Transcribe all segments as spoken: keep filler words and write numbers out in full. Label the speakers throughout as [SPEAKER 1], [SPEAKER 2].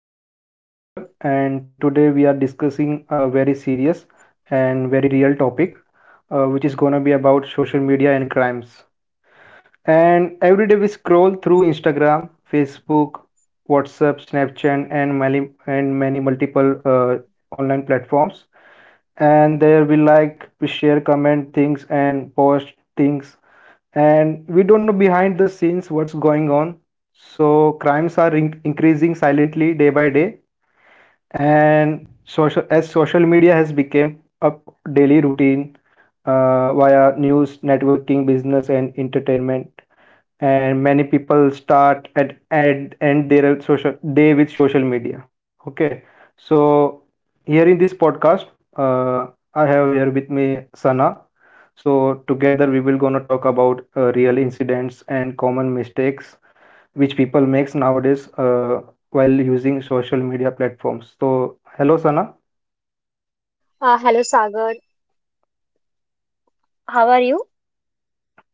[SPEAKER 1] Uh, I am Sagar, and today we are discussing a very serious and very real topic, uh, which is going to be about social media and crimes. And every day we scroll through Instagram, Facebook, WhatsApp, Snapchat, and many and many multiple uh, online platforms. And there we, like, we share, comment things, and post things and we don't know behind the scenes what's going on. So crimes are in- increasing silently day by day, and social as social media has become a daily routine uh, via news, networking, business, and entertainment and many people start at and end their social day with social media. Okay, so here in this podcast, uh, I have here with me Sana. So together we will gonna talk about uh, real incidents and common mistakes which people makes nowadays, uh, while using social media platforms. So hello, Sana.
[SPEAKER 2] Uh, hello, Sagar. How are you?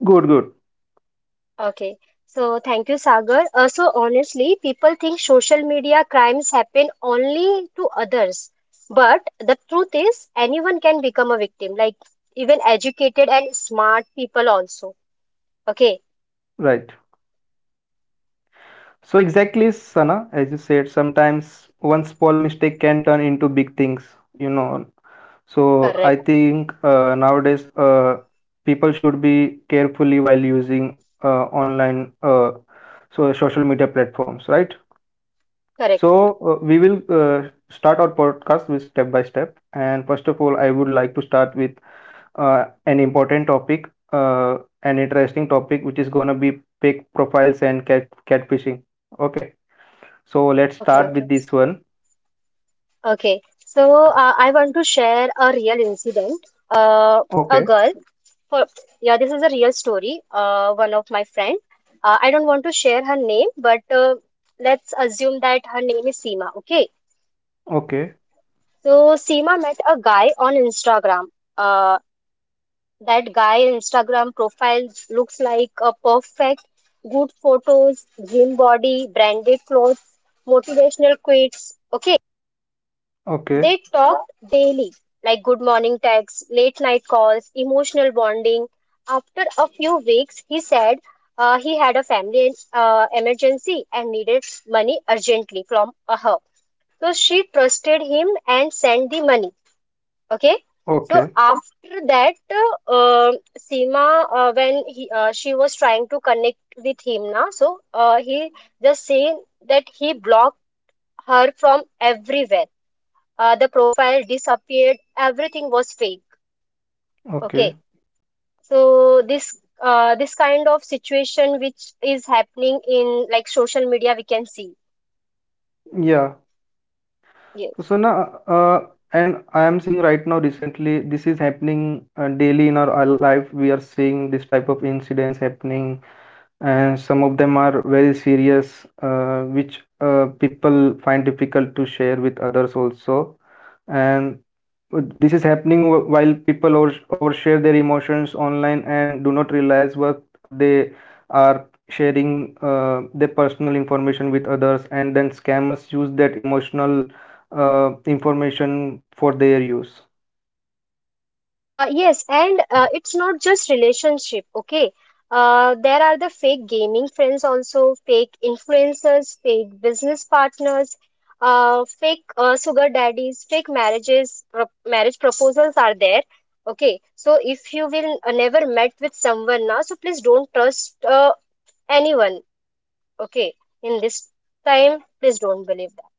[SPEAKER 1] Good, good.
[SPEAKER 2] Okay. So, thank you, Sagar. Uh, so, honestly, people think social media crimes happen only to others. But the truth is, anyone can become a victim, like even educated and smart people also. Okay.
[SPEAKER 1] Right, so exactly, Sana, as you said, sometimes one small mistake can turn into big things, you know. So I
[SPEAKER 2] Correct.
[SPEAKER 1] think uh, nowadays uh, people should be carefully while using uh, online, uh, so social media platforms, right?
[SPEAKER 2] Correct.
[SPEAKER 1] So uh, we will uh, start our podcast with step by step. And first of all, I would like to start with uh, an important topic, uh, an interesting topic, which is gonna be fake profiles and cat catfishing. Okay, so let's
[SPEAKER 2] Okay.
[SPEAKER 1] start
[SPEAKER 2] Okay.
[SPEAKER 1] with this one.
[SPEAKER 2] Okay. So, uh, I want to share a real incident. Uh, a
[SPEAKER 1] Okay,
[SPEAKER 2] girl for Yeah, this is a real story. Uh, one of my friend. uh, I don't want to share her name, but uh, let's assume that her name is Seema. Okay.
[SPEAKER 1] okay,
[SPEAKER 2] So Seema met a guy on Instagram. uh, that guy Instagram profile looks like a perfect, good photos, gym body, branded clothes, motivational quotes. Okay.
[SPEAKER 1] okay,
[SPEAKER 2] They talked daily, like good morning texts, late night calls, emotional bonding. After a few weeks, he said uh, he had a family uh, emergency and needed money urgently from uh, her. So she trusted him and sent the money. Okay. So
[SPEAKER 1] okay,
[SPEAKER 2] after that, uh, um, Seema, uh, when he, uh, she was trying to connect with him now, so uh, he just saying that he blocked her from everywhere. Uh, the profile disappeared, everything was fake.
[SPEAKER 1] okay.
[SPEAKER 2] Okay. So this uh, this kind of situation which is happening in like social media we can see.
[SPEAKER 1] Yeah. So,
[SPEAKER 2] Yes.
[SPEAKER 1] Sana, uh, and I am seeing right now recently, this is happening uh, daily in our uh, life. We are seeing this type of incidents happening, and some of them are very serious, uh, which uh, people find difficult to share with others also. And this is happening wh- while people over, overshare their emotions online and do not realize what they are sharing, uh, their personal information with others, and then scammers use that emotional uh, information for their use.
[SPEAKER 2] Uh, yes, and uh, it's not just relationship, okay? Uh, there are the fake gaming friends also, fake influencers, fake business partners, uh, fake uh, sugar daddies, fake marriages, pro marriage proposals are there, okay? So if you will uh, never met with someone now, so please don't trust uh, anyone, okay? In this time, please don't believe that.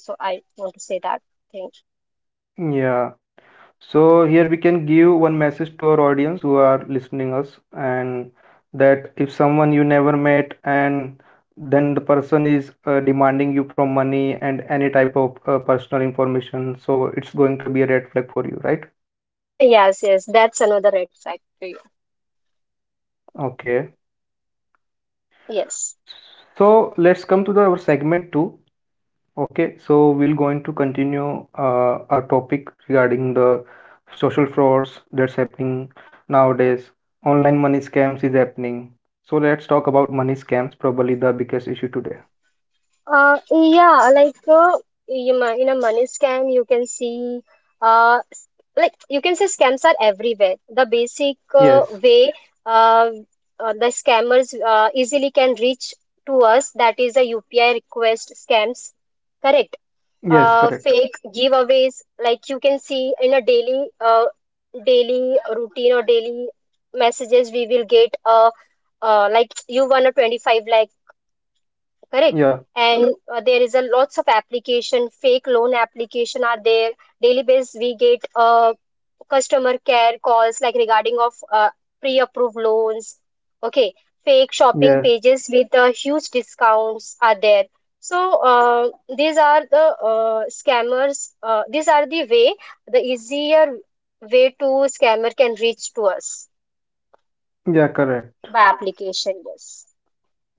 [SPEAKER 2] So I want to say that thing.
[SPEAKER 1] Yeah, so here we can give one message to our audience who are listening us, and that if someone you never met and then the person is uh, demanding you from money and any type of uh, personal information, so it's going to be a red flag for you, right?
[SPEAKER 2] Yes, yes, that's another red flag to you.
[SPEAKER 1] Okay,
[SPEAKER 2] Yes.
[SPEAKER 1] so let's come to the, our segment two. Okay, so we're going to continue uh, our topic regarding the social frauds that's happening nowadays. Online money scams is happening. So let's talk about money scams, probably the biggest issue today.
[SPEAKER 2] Uh, yeah, like uh, you mi- in a money scam, you can see, uh, s- like you can say scams are everywhere. The basic uh,
[SPEAKER 1] Yes,
[SPEAKER 2] way uh, uh, the scammers uh, easily can reach to us, that is the U P I request scams, correct?
[SPEAKER 1] yes,
[SPEAKER 2] Uh,
[SPEAKER 1] correct.
[SPEAKER 2] fake giveaways, like you can see in a daily, uh, daily routine or daily messages, we will get uh, uh, like you won a 25 lakh, correct?
[SPEAKER 1] Yeah,
[SPEAKER 2] And uh, there is a lots of application fake loan application are there. Daily basis we get uh, customer care calls like regarding of uh, pre-approved loans. Okay. Fake shopping
[SPEAKER 1] yes,
[SPEAKER 2] pages with uh, huge discounts are there. So uh, these are the uh, scammers. Uh, these are the way, the easier way to scammer can reach to us
[SPEAKER 1] yeah, correct.
[SPEAKER 2] by application. Yes,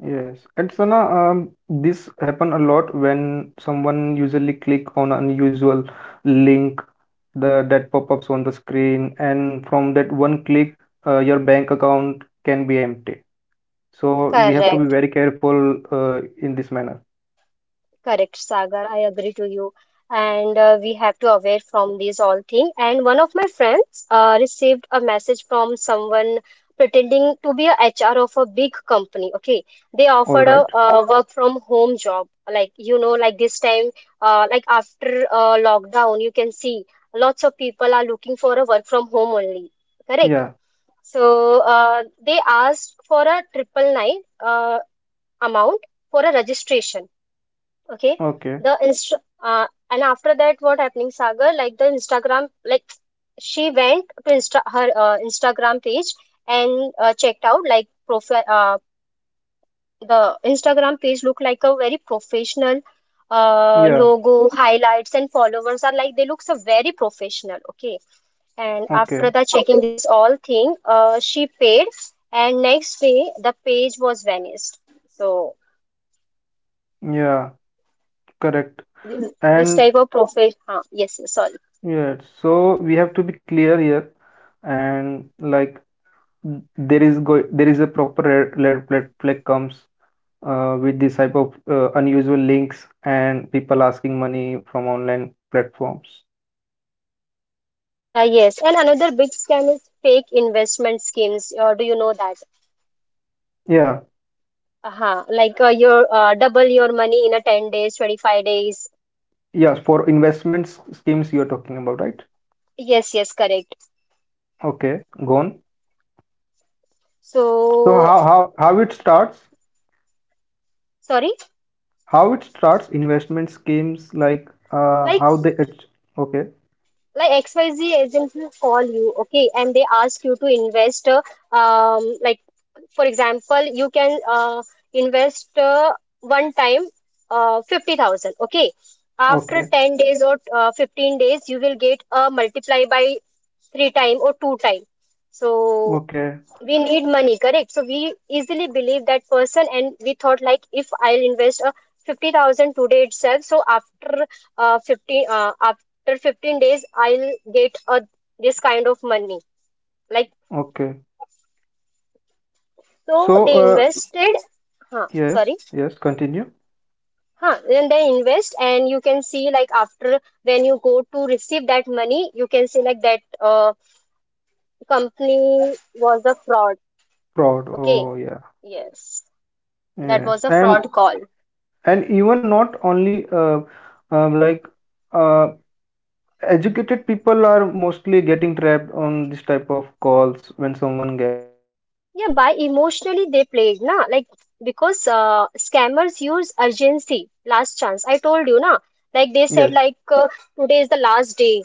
[SPEAKER 1] Yes, and Sana, um, this happen a lot when someone usually click on unusual link the that pop-ups on the screen, and from that one click, uh, your bank account can be empty. So we have to be
[SPEAKER 2] correct.
[SPEAKER 1] very careful, uh, in this manner.
[SPEAKER 2] Correct, Sagar. I agree to you. And uh, we have to aware from these all thing. And one of my friends uh, received a message from someone pretending to be a H R of a big company. Okay, they
[SPEAKER 1] All
[SPEAKER 2] offered
[SPEAKER 1] right.
[SPEAKER 2] a uh, work from home job. Like you know, like this time, uh, like after uh, lockdown, you can see lots of people are looking for a work from home only. Correct.
[SPEAKER 1] Yeah.
[SPEAKER 2] So uh, they asked for a triple nine uh, amount for a registration. Okay.
[SPEAKER 1] Okay.
[SPEAKER 2] the inst uh, And after that what happening, Sagar? Like the Instagram, like she went to insta. Her uh, Instagram page, and uh, checked out like profile. Uh, the Instagram page look like a very professional. Uh,
[SPEAKER 1] Yeah.
[SPEAKER 2] logo, highlights, and followers are like, they looks a very professional. Okay. And after
[SPEAKER 1] Okay.
[SPEAKER 2] that checking this all thing, uh, she paid. And next day the page was vanished. So
[SPEAKER 1] Yeah, correct.
[SPEAKER 2] this this
[SPEAKER 1] And
[SPEAKER 2] type of profit uh, yes, yes, sorry.
[SPEAKER 1] yeah, so we have to be clear here, and like, there is go there is a proper red, red flag flag comes uh, with this type of uh, unusual links and people asking money from online platforms.
[SPEAKER 2] Uh, yes, and another big scam is fake investment schemes. Or do you know that?
[SPEAKER 1] Yeah.
[SPEAKER 2] Uh-huh. Like uh, your uh, double your money in a ten days, twenty-five days.
[SPEAKER 1] Yes, for investment s- schemes you're talking about, right?
[SPEAKER 2] Yes, yes, correct.
[SPEAKER 1] Okay, go on. So
[SPEAKER 2] So,
[SPEAKER 1] how how how it starts?
[SPEAKER 2] sorry,
[SPEAKER 1] How it starts investment schemes, like uh,
[SPEAKER 2] like
[SPEAKER 1] how they ach- okay,
[SPEAKER 2] like X Y Z agents will call you, okay, and they ask you to invest. Uh, um, like for example, you can uh, invest uh, one time uh, fifty thousand, okay. After
[SPEAKER 1] okay,
[SPEAKER 2] ten days or uh, fifteen days, you will get a multiply by three time or two time. So
[SPEAKER 1] okay,
[SPEAKER 2] we need money, correct? So we easily believe that person and we thought like if I'll invest a fifty thousand today itself. So after uh, fifteen, uh, after fifteen days I'll get a, this kind of money. Like
[SPEAKER 1] okay.
[SPEAKER 2] so
[SPEAKER 1] So
[SPEAKER 2] they
[SPEAKER 1] uh,
[SPEAKER 2] invested. Huh,
[SPEAKER 1] yes,
[SPEAKER 2] sorry.
[SPEAKER 1] yes, continue.
[SPEAKER 2] Huh then they invest and you can see like after when you go to receive that money, you can see like that uh, company was a fraud.
[SPEAKER 1] Fraud.
[SPEAKER 2] Okay.
[SPEAKER 1] Oh yeah,
[SPEAKER 2] Yes, that
[SPEAKER 1] yes,
[SPEAKER 2] was a
[SPEAKER 1] and
[SPEAKER 2] fraud call.
[SPEAKER 1] and even not only, uh, um, like uh, educated people are mostly getting trapped on this type of calls when someone get
[SPEAKER 2] Yeah, by emotionally they played, na? Like because uh, scammers use urgency, last chance. I told you, na? Like they said,
[SPEAKER 1] yes,
[SPEAKER 2] like uh, today is the last day.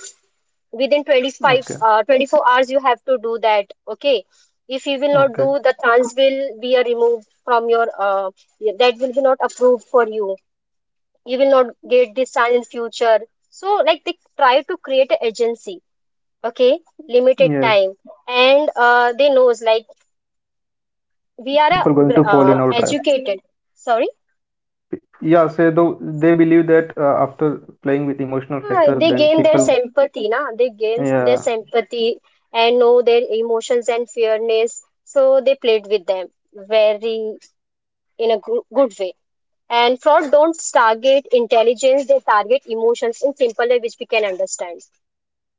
[SPEAKER 2] Within twenty-five,
[SPEAKER 1] okay,
[SPEAKER 2] uh, twenty-four hours, you have to do that. Okay, if you will not do,
[SPEAKER 1] okay,
[SPEAKER 2] the chance will be uh, removed from your. Uh, y- that will be not approved for you. You will not get this chance in future. So like they try to create a agency. Okay, limited
[SPEAKER 1] yes.
[SPEAKER 2] time, and uh, they knows like we are
[SPEAKER 1] People
[SPEAKER 2] a,
[SPEAKER 1] going
[SPEAKER 2] gr-
[SPEAKER 1] to fall
[SPEAKER 2] uh,
[SPEAKER 1] in our trap.
[SPEAKER 2] educated. Sorry.
[SPEAKER 1] Yeah, so though they believe that, uh, after playing with emotional
[SPEAKER 2] Ah,
[SPEAKER 1] factor,
[SPEAKER 2] they
[SPEAKER 1] then
[SPEAKER 2] gain their
[SPEAKER 1] people
[SPEAKER 2] sympathy, na, they gain their
[SPEAKER 1] yeah,
[SPEAKER 2] sympathy and know their emotions and fairness, so they played with them very in a goo- good way. And fraud don't target intelligence, they target emotions in simple way which we can understand.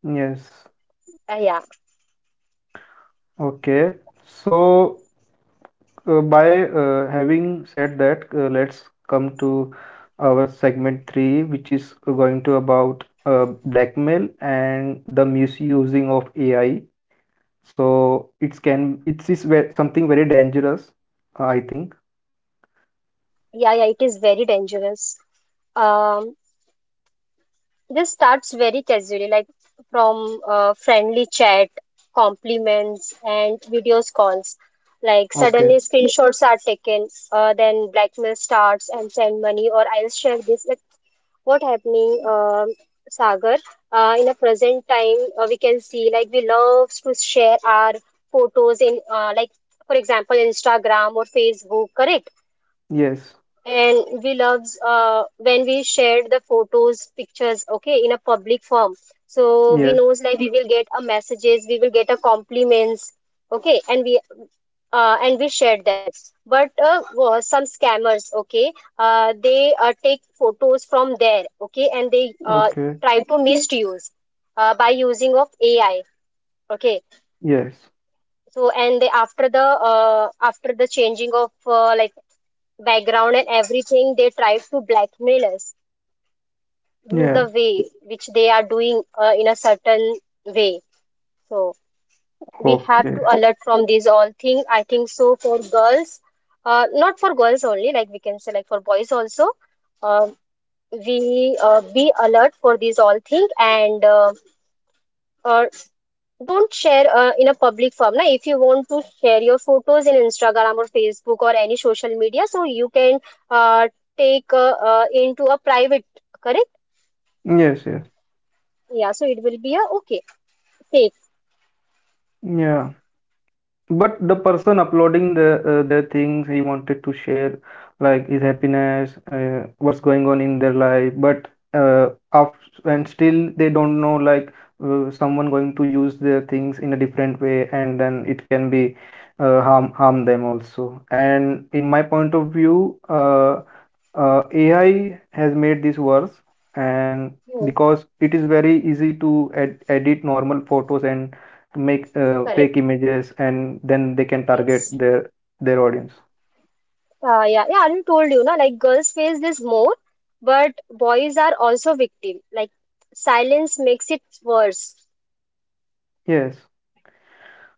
[SPEAKER 1] yes,
[SPEAKER 2] Ah, yeah.
[SPEAKER 1] okay. So uh, by uh, having said that, uh, let's come to our segment three, which is going to about uh, blackmail and the misusing of A I. So it's can it is ve- something very dangerous, I think.
[SPEAKER 2] Yeah yeah it is very dangerous. Um. This starts very casually, like from uh, friendly chat, compliments, and videos calls. Like
[SPEAKER 1] Okay,
[SPEAKER 2] suddenly screenshots are taken, uh, then blackmail starts and send money, or I'll share this. Like what happening, um Sagar? Uh, in a present time, uh, we can see like we love to share our photos in, uh, like for example, Instagram or Facebook, correct?
[SPEAKER 1] yes,
[SPEAKER 2] And we loves uh, when we shared the photos pictures, okay, in a public form. So we
[SPEAKER 1] yes,
[SPEAKER 2] knows like we will get a messages, we will get a compliments. Okay, and we uh, and we shared that. But uh, wa- some scammers, okay, uh, they uh, take photos from there, okay, and they uh,
[SPEAKER 1] okay,
[SPEAKER 2] try to misuse uh, by using of AI, okay.
[SPEAKER 1] yes.
[SPEAKER 2] So and they after the, uh, after the changing of uh, like background and everything, they try to blackmail us. This is
[SPEAKER 1] Yes.
[SPEAKER 2] the way which they are doing uh, in a certain way. So we have
[SPEAKER 1] Okay.
[SPEAKER 2] to alert from these all things. I think so for girls, uh, not for girls only, like we can say like for boys also, uh, we uh, be alert for these all things and uh, uh, don't share uh, in a public form. Now, if you want to share your photos in Instagram or Facebook or any social media, so you can uh, take uh, uh, into a private, correct?
[SPEAKER 1] Yes, yes.
[SPEAKER 2] Yeah, so it will be a, okay, safe.
[SPEAKER 1] Yeah. But the person uploading the uh, the things he wanted to share, like his happiness, uh, what's going on in their life, but uh, af and still they don't know like uh, someone going to use their things in a different way, and then it can be uh, harm harm them also. And in my point of view, uh, uh, A I has made this worse, and
[SPEAKER 2] Hmm.
[SPEAKER 1] because it is very easy to ed edit normal photos and make uh, fake
[SPEAKER 2] Correct.
[SPEAKER 1] images, and then they can target
[SPEAKER 2] Yes.
[SPEAKER 1] their their audience.
[SPEAKER 2] Uh, yeah, yeah, Arun told you, na, like girls face this more, but boys are also victim. Like silence makes it worse.
[SPEAKER 1] Yes,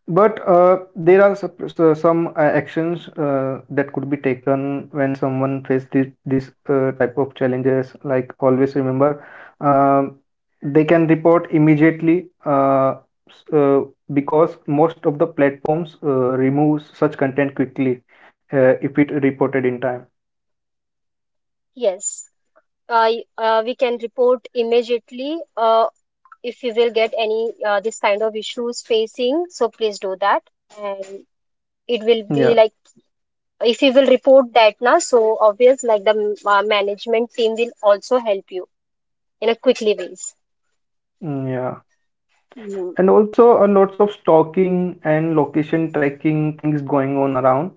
[SPEAKER 1] but uh, there are sup- so some uh, actions uh, that could be taken when someone faces this, this uh, type of challenges, like always remember, um, they can report immediately, uh, s- uh, because most of the platforms uh, remove such content quickly, uh, if it reported in time.
[SPEAKER 2] Yes. Uh, y- uh, we can report immediately uh, if you will get any uh, this kind of issues facing. So please do that. And it will be
[SPEAKER 1] Yeah.
[SPEAKER 2] like if you will report that, na, so obvious like the uh, management team will also help you in a quickly ways.
[SPEAKER 1] Mm, yeah,
[SPEAKER 2] Mm-hmm.
[SPEAKER 1] and also a lots of stalking and location tracking things going on around,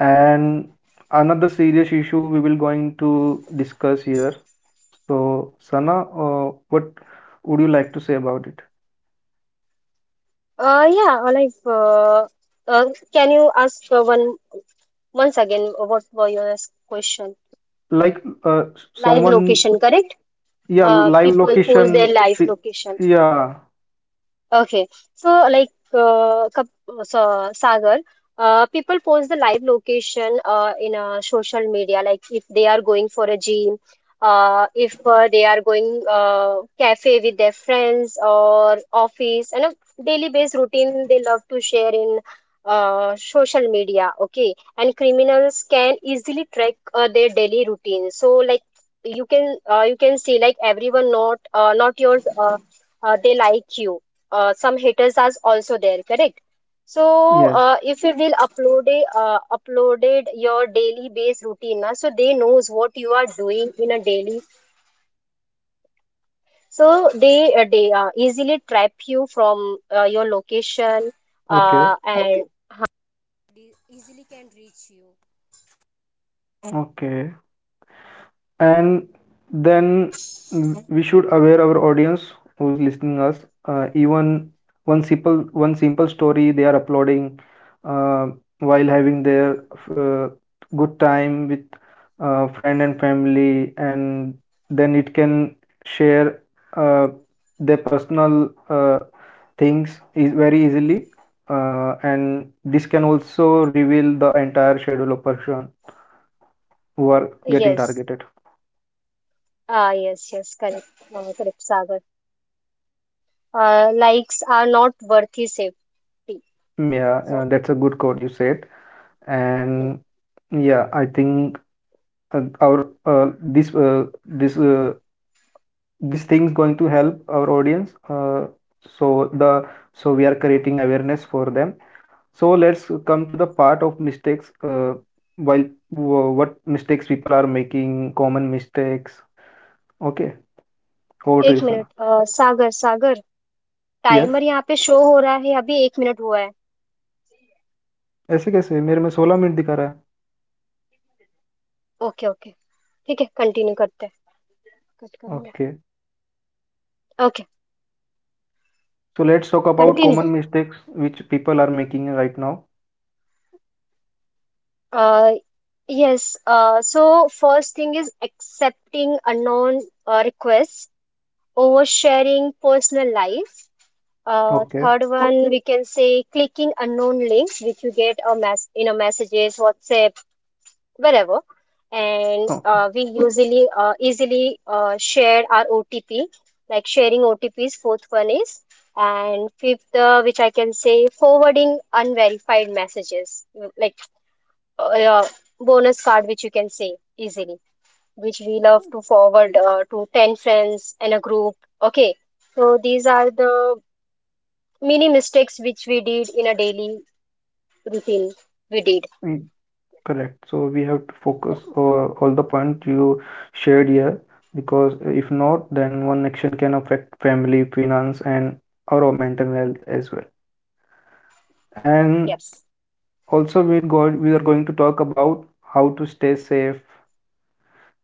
[SPEAKER 1] and another serious issue we will going to discuss here. So Sana, uh, what would you like to say about it?
[SPEAKER 2] Uh, yeah, uh, like, uh, uh, can you ask uh, one once again uh, what were your s- question?
[SPEAKER 1] Like uh,
[SPEAKER 2] Live. Um,
[SPEAKER 1] someone
[SPEAKER 2] location, correct?
[SPEAKER 1] yeah,
[SPEAKER 2] Uh,
[SPEAKER 1] live
[SPEAKER 2] people
[SPEAKER 1] location
[SPEAKER 2] post their live
[SPEAKER 1] pi-
[SPEAKER 2] location.
[SPEAKER 1] yeah,
[SPEAKER 2] Okay, so like, uh, Kap- so Sagar, uh, people post the live location uh, in uh, social media, like if they are going for a gym, uh, if uh, they are going uh, cafe with their friends or office, and a daily based routine they love to share in uh, social media. Okay, and criminals can easily track uh, their daily routine. So like you can, uh, you can see like everyone not, uh, not yours, uh, uh, they like you, uh, some haters are also there, correct? So
[SPEAKER 1] yes,
[SPEAKER 2] uh, if you will upload a, uh, uploaded your daily based routine, na, so they knows what you are doing in a daily. So they, uh, they uh, easily trap you from uh, your location,
[SPEAKER 1] okay,
[SPEAKER 2] uh, and...
[SPEAKER 1] okay. And then we should aware our audience who's listening us, uh, even one simple one simple story they are uploading, uh, while having their uh, good time with uh, friend and family, and then it can share uh, their personal uh, things is very easily, uh, and this can also reveal the entire schedule of person who are getting
[SPEAKER 2] Yes.
[SPEAKER 1] targeted.
[SPEAKER 2] Ah, yes, yes, correct. Uh, correct, Sagar. Uh, likes are not worthy safety.
[SPEAKER 1] Mm, yeah, uh,
[SPEAKER 2] So,
[SPEAKER 1] that's a good code you said,
[SPEAKER 2] hmm,
[SPEAKER 1] and yeah, I think uh, our uh, this uh, this uh, this thing's going to help our audience. Uh, so the so we are creating awareness for them. So let's come to the part of mistakes. Uh, while wh- what mistakes people are making, common mistakes. Okay, over to you,
[SPEAKER 2] एक minute
[SPEAKER 1] Sana.
[SPEAKER 2] Uh, Sagar Sagar,
[SPEAKER 1] Yes,
[SPEAKER 2] timer यहाँ पे show हो रहा है. अभी एक minute हुआ है.
[SPEAKER 1] ऐसे कैसे मेरे में सोलह मिनट दिखा रहा है.
[SPEAKER 2] ओके, ओके, ठीक है, कंटिन्यू करते हैं. कट करेंगे.
[SPEAKER 1] Okay,
[SPEAKER 2] okay.
[SPEAKER 1] so let's talk about
[SPEAKER 2] continue.
[SPEAKER 1] common mistakes which people are making right now.
[SPEAKER 2] uh, yes, uh, so first thing is accepting unknown uh, requests, oversharing personal life. Uh,
[SPEAKER 1] Okay.
[SPEAKER 2] third one, we can say clicking unknown links, which you get a mess in a messages, WhatsApp, wherever. And
[SPEAKER 1] Okay,
[SPEAKER 2] uh, we usually uh, easily uh, share our O T P, like sharing O T Ps. Fourth one is, and fifth, uh, which I can say, forwarding unverified messages, mm, like uh, uh, bonus card, which you can say easily, which we love to forward uh, to ten friends and a group. Okay, so these are the many mistakes which we did in a daily routine we did
[SPEAKER 1] mm, correct. So we have to
[SPEAKER 2] yeah,
[SPEAKER 1] focus uh, all the point you shared here, because if not, then one action can affect family, finance, and our mental health as well. And
[SPEAKER 2] yes,
[SPEAKER 1] also, we're going we are going to talk about how to stay safe,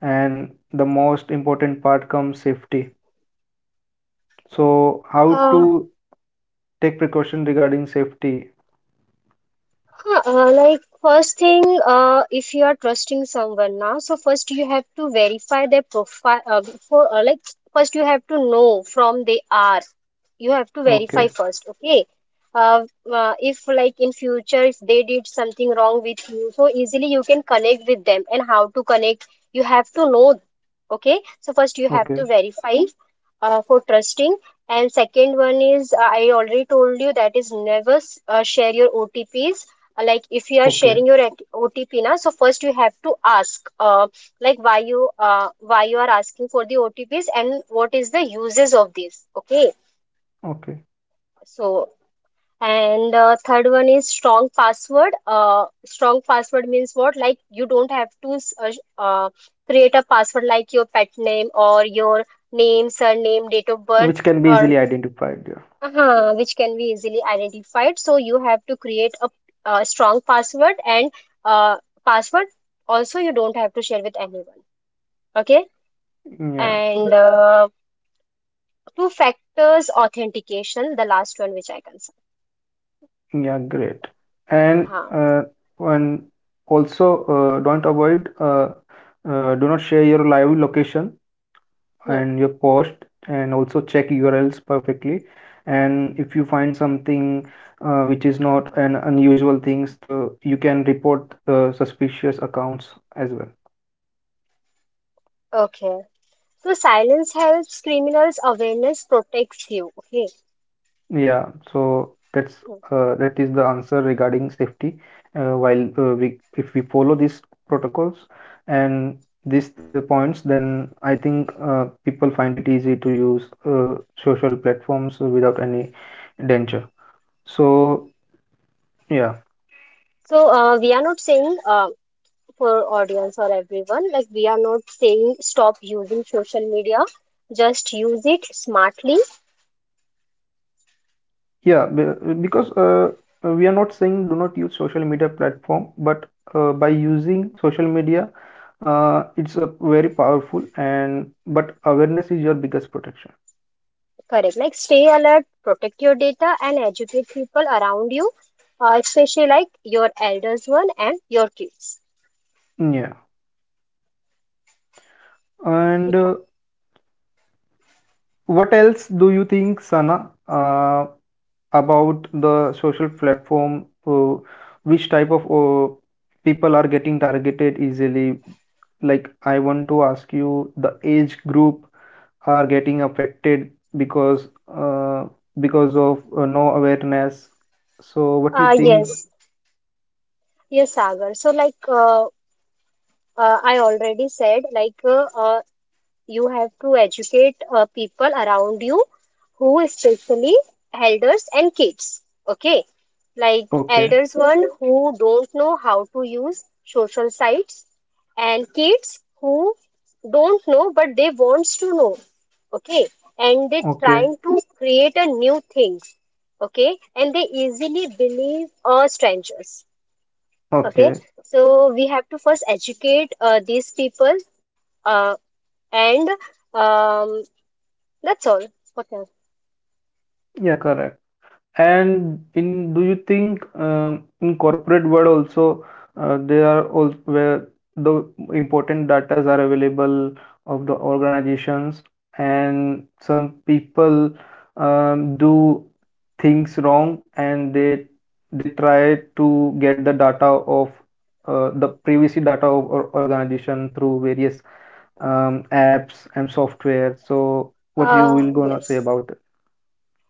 [SPEAKER 1] and the most important part comes safety. So how
[SPEAKER 2] uh,
[SPEAKER 1] to take precaution regarding safety.
[SPEAKER 2] huh, uh, like first thing, uh, if you are trusting someone now, so first you have to verify their profile uh, before, uh, like first you have to know from they are. You have to verify
[SPEAKER 1] Okay,
[SPEAKER 2] first. Okay. uh, uh, if, like in future, if they did something wrong with you, so easily you can connect with them. And how to connect, you have to know. Okay, so first you have to
[SPEAKER 1] okay,
[SPEAKER 2] verify, uh, for trusting. And second one is, uh, I already told you, that is never uh, share your OTPs. Uh, like if you are
[SPEAKER 1] okay,
[SPEAKER 2] sharing your OTP now, so first you have to ask, uh, like why you, uh, why you are asking for the OTPs, and what is the uses of this. Okay.
[SPEAKER 1] okay,
[SPEAKER 2] So, and uh, third one is strong password. Uh, strong password means what? Like you don't have to s- uh, uh, create a password like your pet name, or your name, surname, date of birth,
[SPEAKER 1] which can be
[SPEAKER 2] or
[SPEAKER 1] easily identified. Yeah.
[SPEAKER 2] uh, which can be easily identified. So you have to create a, uh strong password and uh, password. Also, you don't have to share with anyone. Okay.
[SPEAKER 1] Yeah.
[SPEAKER 2] And uh, two factors authentication, the last one which I can say.
[SPEAKER 1] Yeah, great. And
[SPEAKER 2] Uh,
[SPEAKER 1] uh, and also uh, don't avoid uh, uh, do not share your live location
[SPEAKER 2] hmm.
[SPEAKER 1] and your post, and also check U R Ls perfectly. And if you find something uh, which is not an unusual things, so you can report uh, suspicious accounts as well.
[SPEAKER 2] Okay. So silence helps criminals, awareness protects you. Okay.
[SPEAKER 1] Yeah, so that's
[SPEAKER 2] Hmm.
[SPEAKER 1] uh, that is the answer regarding safety. Uh, while uh, we if we follow these protocols and these uh, points, then I think uh, people find it easy to use uh, social platforms without any danger. So yeah,
[SPEAKER 2] So uh, we are not saying uh, for audience or everyone, like we are not saying stop using social media. Just use it smartly,
[SPEAKER 1] yeah, be- because uh, we are not saying do not use social media platform, but uh, by using social media, uh, it's a very powerful, and but awareness is your biggest protection.
[SPEAKER 2] correct? Like stay alert, protect your data, and educate people around you, uh, especially like your elders one and your kids.
[SPEAKER 1] Yeah. And
[SPEAKER 2] ठीक है?
[SPEAKER 1] uh, what else do you think, Sana, uh, about the social platform? Uh, which type of uh, people are getting targeted easily? Like, I want to ask you, the age group are getting affected because uh, because of uh, no awareness. So, what do you
[SPEAKER 2] Uh,
[SPEAKER 1] think?
[SPEAKER 2] yes, yes, Sagar. So like uh, uh, I already said, like uh, uh, you have to educate uh, people around you, who especially elders and kids. Okay. Like
[SPEAKER 1] Okay,
[SPEAKER 2] elders one who don't know how to use social sites, and kids who don't know but they wants to know. Okay. And they
[SPEAKER 1] okay,
[SPEAKER 2] trying to create a new things. Okay. And they easily believe uh, strangers. Okay.
[SPEAKER 1] okay.
[SPEAKER 2] So we have to first educate uh, these people, uh, and um, that's all. What else?
[SPEAKER 1] Yeah, correct. And in do you think um, in corporate world also uh, there are also where the important datas are available of the organizations, and some people um, do things wrong, and they they try to get the data of uh, the privacy data of or organization through various um, apps and software. So what you
[SPEAKER 2] Uh,
[SPEAKER 1] will gonna say
[SPEAKER 2] yes.
[SPEAKER 1] about it?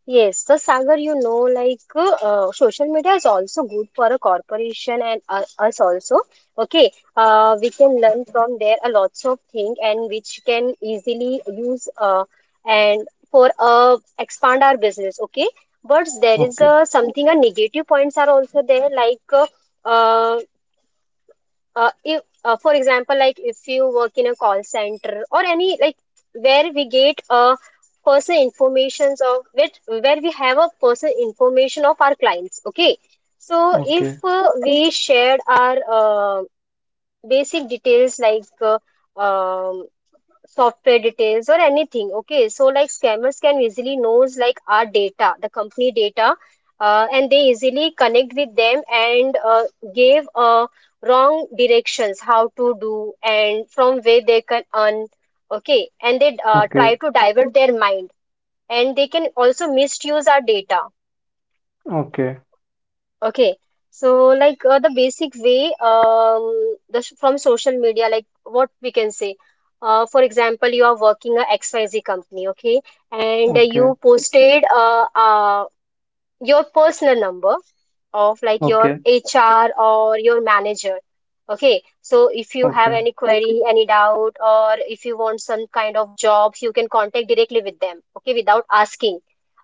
[SPEAKER 2] Yes, the Sagar, you know, like uh, social media is also good for a corporation and uh, us also. Okay, uh, we can learn from there a lots of thing, and which can easily use, uh, and for uh, expand our business. Okay, but there is
[SPEAKER 1] Okay,
[SPEAKER 2] uh, something a negative points are also there, like uh, uh, uh, if, uh, for example, like if you work in a call center or any like where we get uh, personal informations of, which where we have a personal information of our clients. Okay, so
[SPEAKER 1] okay,
[SPEAKER 2] if uh, we shared our uh, basic details like uh, um, software details or anything. Okay, so like scammers can easily knows like our data, the company data, uh, and they easily connect with them, and uh, give uh, wrong directions how to do, and from where they can earn. Okay. And they uh, try
[SPEAKER 1] okay,
[SPEAKER 2] to divert their mind, and they can also misuse our data.
[SPEAKER 1] okay.
[SPEAKER 2] Okay, so like uh, the basic way, um, the, s- from social media, like what we can say, uh, for example, you are working a X Y Z company, okay, and uh,
[SPEAKER 1] Okay,
[SPEAKER 2] you posted uh, uh, your personal number of, like your
[SPEAKER 1] okay,
[SPEAKER 2] H R or your manager. Okay, so if you have
[SPEAKER 1] okay,
[SPEAKER 2] any query, any doubt, or if you want some kind of jobs, you can contact directly with them, okay, without asking.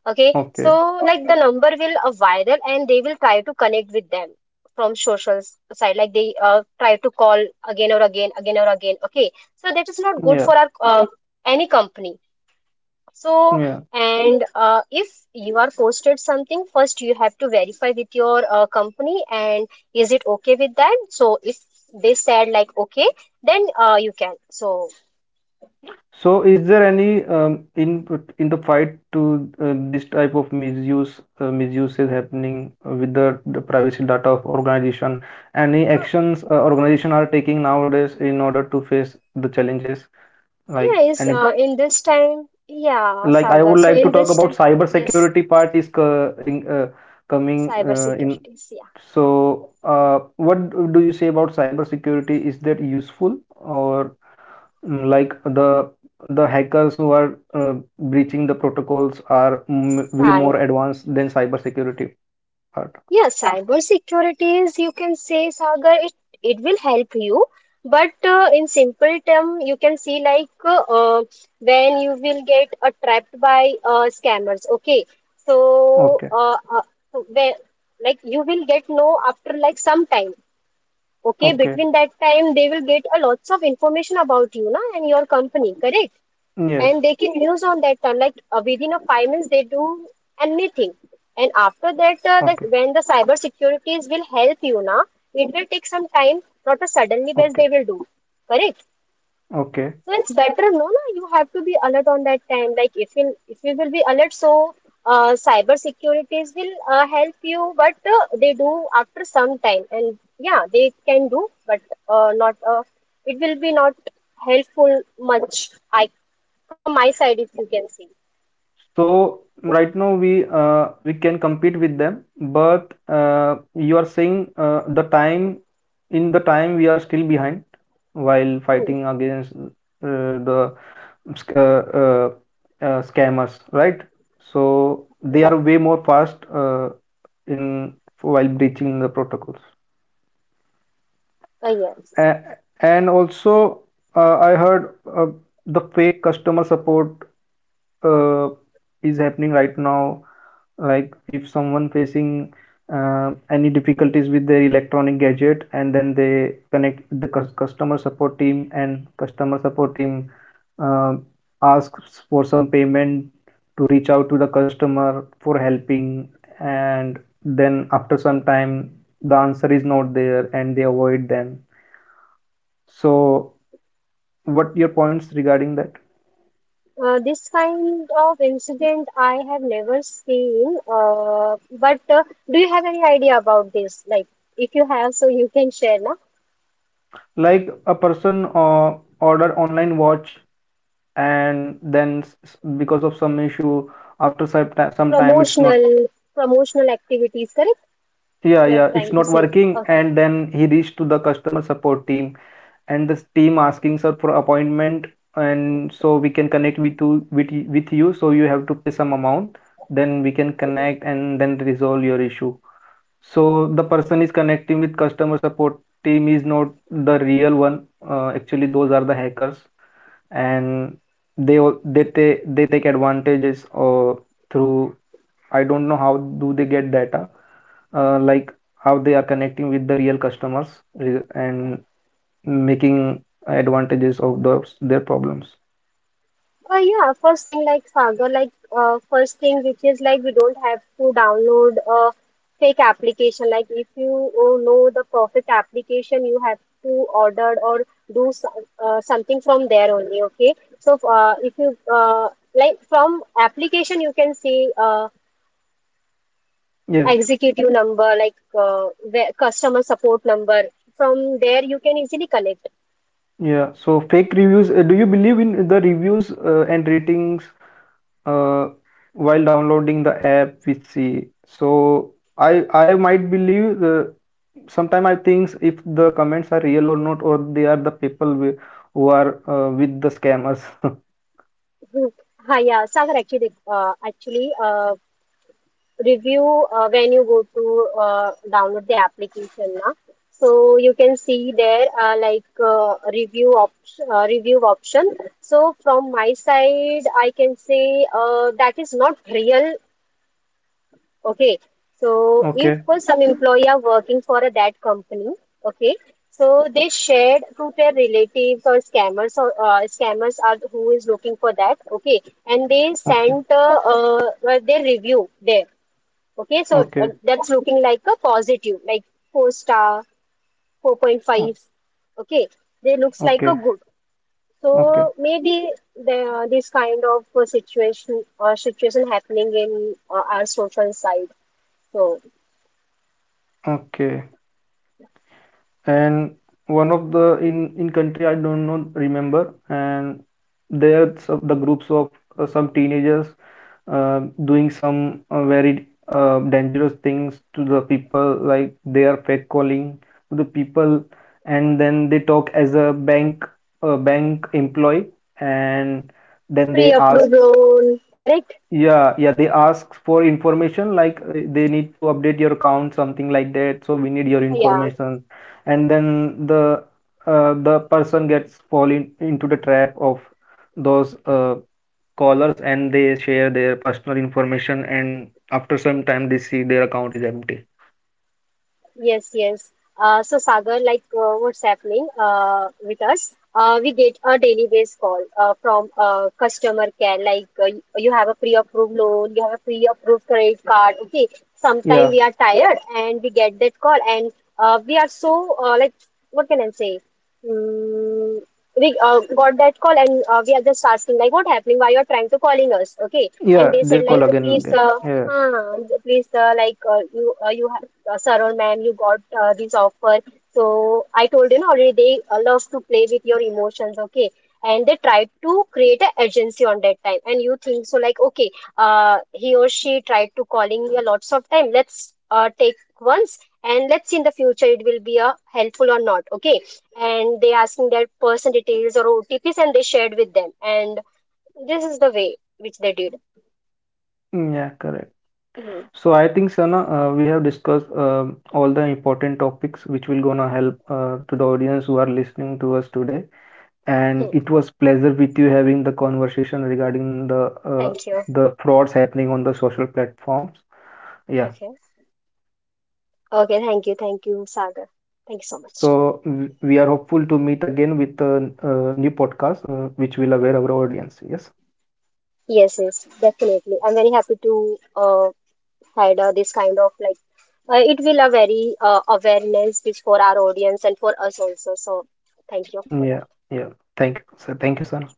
[SPEAKER 2] Okay,
[SPEAKER 1] okay.
[SPEAKER 2] so like the number will uh, viral, and they will try to connect with them from social s- side, like they uh, try to call again or again, again or again. Okay, so that is not good
[SPEAKER 1] Yeah,
[SPEAKER 2] for our uh, any company. So,
[SPEAKER 1] yeah.
[SPEAKER 2] and uh, if you are posted something, first you have to verify with your uh, company, and is it okay with that? So, if they said like okay, then uh, you can. So,
[SPEAKER 1] So, is there any um, in in the fight to uh, this type of misuse uh, misuse is happening with the, the privacy data of organization? Any
[SPEAKER 2] uh,
[SPEAKER 1] actions uh, organization are taking nowadays in order to face the challenges? Like
[SPEAKER 2] yeah, is
[SPEAKER 1] any,
[SPEAKER 2] uh, in this time, yeah,
[SPEAKER 1] like I
[SPEAKER 2] Sagar.
[SPEAKER 1] would
[SPEAKER 2] So,
[SPEAKER 1] like to
[SPEAKER 2] in
[SPEAKER 1] talk
[SPEAKER 2] this
[SPEAKER 1] about
[SPEAKER 2] time,
[SPEAKER 1] cyber
[SPEAKER 2] yes,
[SPEAKER 1] security part is co in, uh, coming
[SPEAKER 2] cyber
[SPEAKER 1] uh, in.
[SPEAKER 2] securities,
[SPEAKER 1] So, uh, what do you say about cyber security? Is that useful, or? Mm, like the the hackers who are uh, breaching the protocols are, mm, way
[SPEAKER 2] yeah.
[SPEAKER 1] more advanced than cybersecurity part.
[SPEAKER 2] Yeah, cybersecurity is, you can say, Sagar, it, it will help you. But uh, in simple term, you can see like uh, uh, when you will get uh, trapped by uh, scammers. Okay, so
[SPEAKER 1] Okay,
[SPEAKER 2] uh, uh, so when, like you will get know after like some time. Okay,
[SPEAKER 1] okay,
[SPEAKER 2] between that time they will get a lots of information about you, na, and your company. Correct.
[SPEAKER 1] yes,
[SPEAKER 2] And they can use on that time like uh, within a five minutes they do anything. And after that uh, that
[SPEAKER 1] okay,
[SPEAKER 2] when the cyber securities will help you, na, it will take some time, not a suddenly best
[SPEAKER 1] okay,
[SPEAKER 2] they will do. Correct.
[SPEAKER 1] okay.
[SPEAKER 2] So it's better, no, no, you have to be alert on that time. Like if in if you will be alert, so uh, cyber securities will uh, help you, but uh, they do after some time, and yeah, they can do, but uh, not uh, it will be not helpful much. I from my side, if you can see.
[SPEAKER 1] So right now we uh, we can compete with them, but uh, you are saying uh, the time in the time we are still behind while
[SPEAKER 2] Hmm.
[SPEAKER 1] fighting against uh, the sc- uh, uh, uh, scammers, right? So they
[SPEAKER 2] Right.
[SPEAKER 1] are way more fast, uh, in while breaching the protocols.
[SPEAKER 2] Uh, yes.
[SPEAKER 1] And also, uh, I heard uh, the fake customer support uh, is happening right now, like if someone facing uh, any difficulties with their electronic gadget, and then they connect the cus- customer support team, and customer support team uh, asks for some payment to reach out to the customer for helping, and then after some time the answer is not there, and they avoid them. So what your points regarding that?
[SPEAKER 2] Uh, this kind of incident I have never seen. Uh, but uh, do you have any idea about this? Like, if you have, so you can share, na?
[SPEAKER 1] Like a person uh, order online watch, and then s- s- because of some issue after some ti- some time it's not,
[SPEAKER 2] promotional Promotional activities, correct?
[SPEAKER 1] yeah,
[SPEAKER 2] You're
[SPEAKER 1] yeah, it's
[SPEAKER 2] trying to
[SPEAKER 1] not
[SPEAKER 2] say.
[SPEAKER 1] working,
[SPEAKER 2] Okay.
[SPEAKER 1] and then he reached to the customer support team, and this team asking, sir, for appointment, and so we can connect with you with, y- with you, so you have to pay some amount, then we can
[SPEAKER 2] Okay.
[SPEAKER 1] connect and then resolve your issue. So the person is connecting with customer support team is not the real one. uh, actually those are the hackers, and they al- they ta- they take advantages uh, through, I don't know how do they get data, uh, like how they are connecting with the real customers re- and making advantages of those their problems.
[SPEAKER 2] Uh, yeah, first thing, like Sagar, like uh, first thing which is, like we don't have to download a fake application. Like if you uh, know the perfect application, you have to order or do some, uh, something from there only. Okay, so uh, if you uh, like from application you can see uh,
[SPEAKER 1] Yes,
[SPEAKER 2] executive number, like uh, where- customer support number, from there you can easily connect.
[SPEAKER 1] yeah. So fake reviews. uh, Do you believe in the reviews uh, and ratings uh, while downloading the app we see? So i i might believe the, sometimes I think if the comments are real or not, or they are the people wi- who are uh, with the scammers.
[SPEAKER 2] Hmm. Hi, yeah, Sagar, actually, the- uh, actually, uh, review, uh, when you go to uh, download the application, na. So you can see there uh, like uh, review op uh, review option. So from my side, I can say uh, that is not real. Okay, so if
[SPEAKER 1] Okay,
[SPEAKER 2] some employee are working for that company, okay, so they shared to their relatives or scammers, or uh, scammers are who is looking for that, okay, and they
[SPEAKER 1] okay,
[SPEAKER 2] sent uh, uh, uh, their review there, okay, so uh,
[SPEAKER 1] okay,
[SPEAKER 2] that's looking like a positive, like four star, four point
[SPEAKER 1] o-
[SPEAKER 2] five, okay, they looks like a
[SPEAKER 1] okay,
[SPEAKER 2] good.
[SPEAKER 1] okay,
[SPEAKER 2] So maybe the, this kind of uh, situation uh, situation happening in uh, our social side. So.
[SPEAKER 1] okay. And one of the in in country I don't know remember, and there's some- the groups of uh, some teenagers uh, doing some uh, very uh, dangerous things to the people, like they are fake calling to the people, and then they talk as a bank, a bank employee, and then they
[SPEAKER 2] Pre-approved
[SPEAKER 1] ask,
[SPEAKER 2] loan, correct?
[SPEAKER 1] yeah, yeah, they ask for information, like uh, they need to update your account, something like that. So we need your
[SPEAKER 2] Yeah,
[SPEAKER 1] information, and then the uh, the person gets falling into the trap of those uh, callers, and they share their personal information, and after some time they see their account is empty.
[SPEAKER 2] yes, yes. Uh, so Sagar, like uh, what's happening uh, with us? Uh, we get a daily base call uh, from uh, customer care. Like uh, you you have a pre-approved loan, you have a pre-approved credit card. Okay. Sometimes
[SPEAKER 1] Yeah,
[SPEAKER 2] we are tired and we get that call, and uh, we are so uh, like what can I say? Mm, we uh, got that call, and uh, we are just asking like what happening, why you are trying to calling us. Okay. And
[SPEAKER 1] yeah,
[SPEAKER 2] they
[SPEAKER 1] they
[SPEAKER 2] said
[SPEAKER 1] call
[SPEAKER 2] like,
[SPEAKER 1] again and
[SPEAKER 2] please
[SPEAKER 1] again.
[SPEAKER 2] uh,
[SPEAKER 1] Yes,
[SPEAKER 2] uh, please, uh, like uh, you uh, you have uh, sir or ma'am, you got uh, this offer. So I told you know, already they uh, love to play with your emotions. Okay. And they tried to create an agency on that time, and you think so like okay, uh, he or she tried to calling me a lots of time, let's uh, take once and let's see in the future it will be uh, helpful or not. Okay. And they asking their person details or O T Ps, and they shared with them. And this is the way which they did.
[SPEAKER 1] mm, yeah, correct.
[SPEAKER 2] Mhm.
[SPEAKER 1] So I think Sana, uh, we have discussed um, all the important topics which will gonna help uh, to the audience who are listening to us today.
[SPEAKER 2] Hmm.
[SPEAKER 1] And it was pleasure with you having the conversation regarding the uh,
[SPEAKER 2] Thank you.
[SPEAKER 1] the frauds happening on the social platforms. Yeah.
[SPEAKER 2] Okay. Okay. Thank you. Thank you, Sagar. Thank you so much.
[SPEAKER 1] So w- we are hopeful to meet again with a, uh, new podcast uh, which will aware our audience. Yes.
[SPEAKER 2] Yes. Yes. Definitely. I'm very happy to uh, had uh, this kind of like uh, it will a very uh, awareness which for our audience and for us also. So thank you for that.
[SPEAKER 1] Yeah. Yeah. Thank you. So thank you, Sana.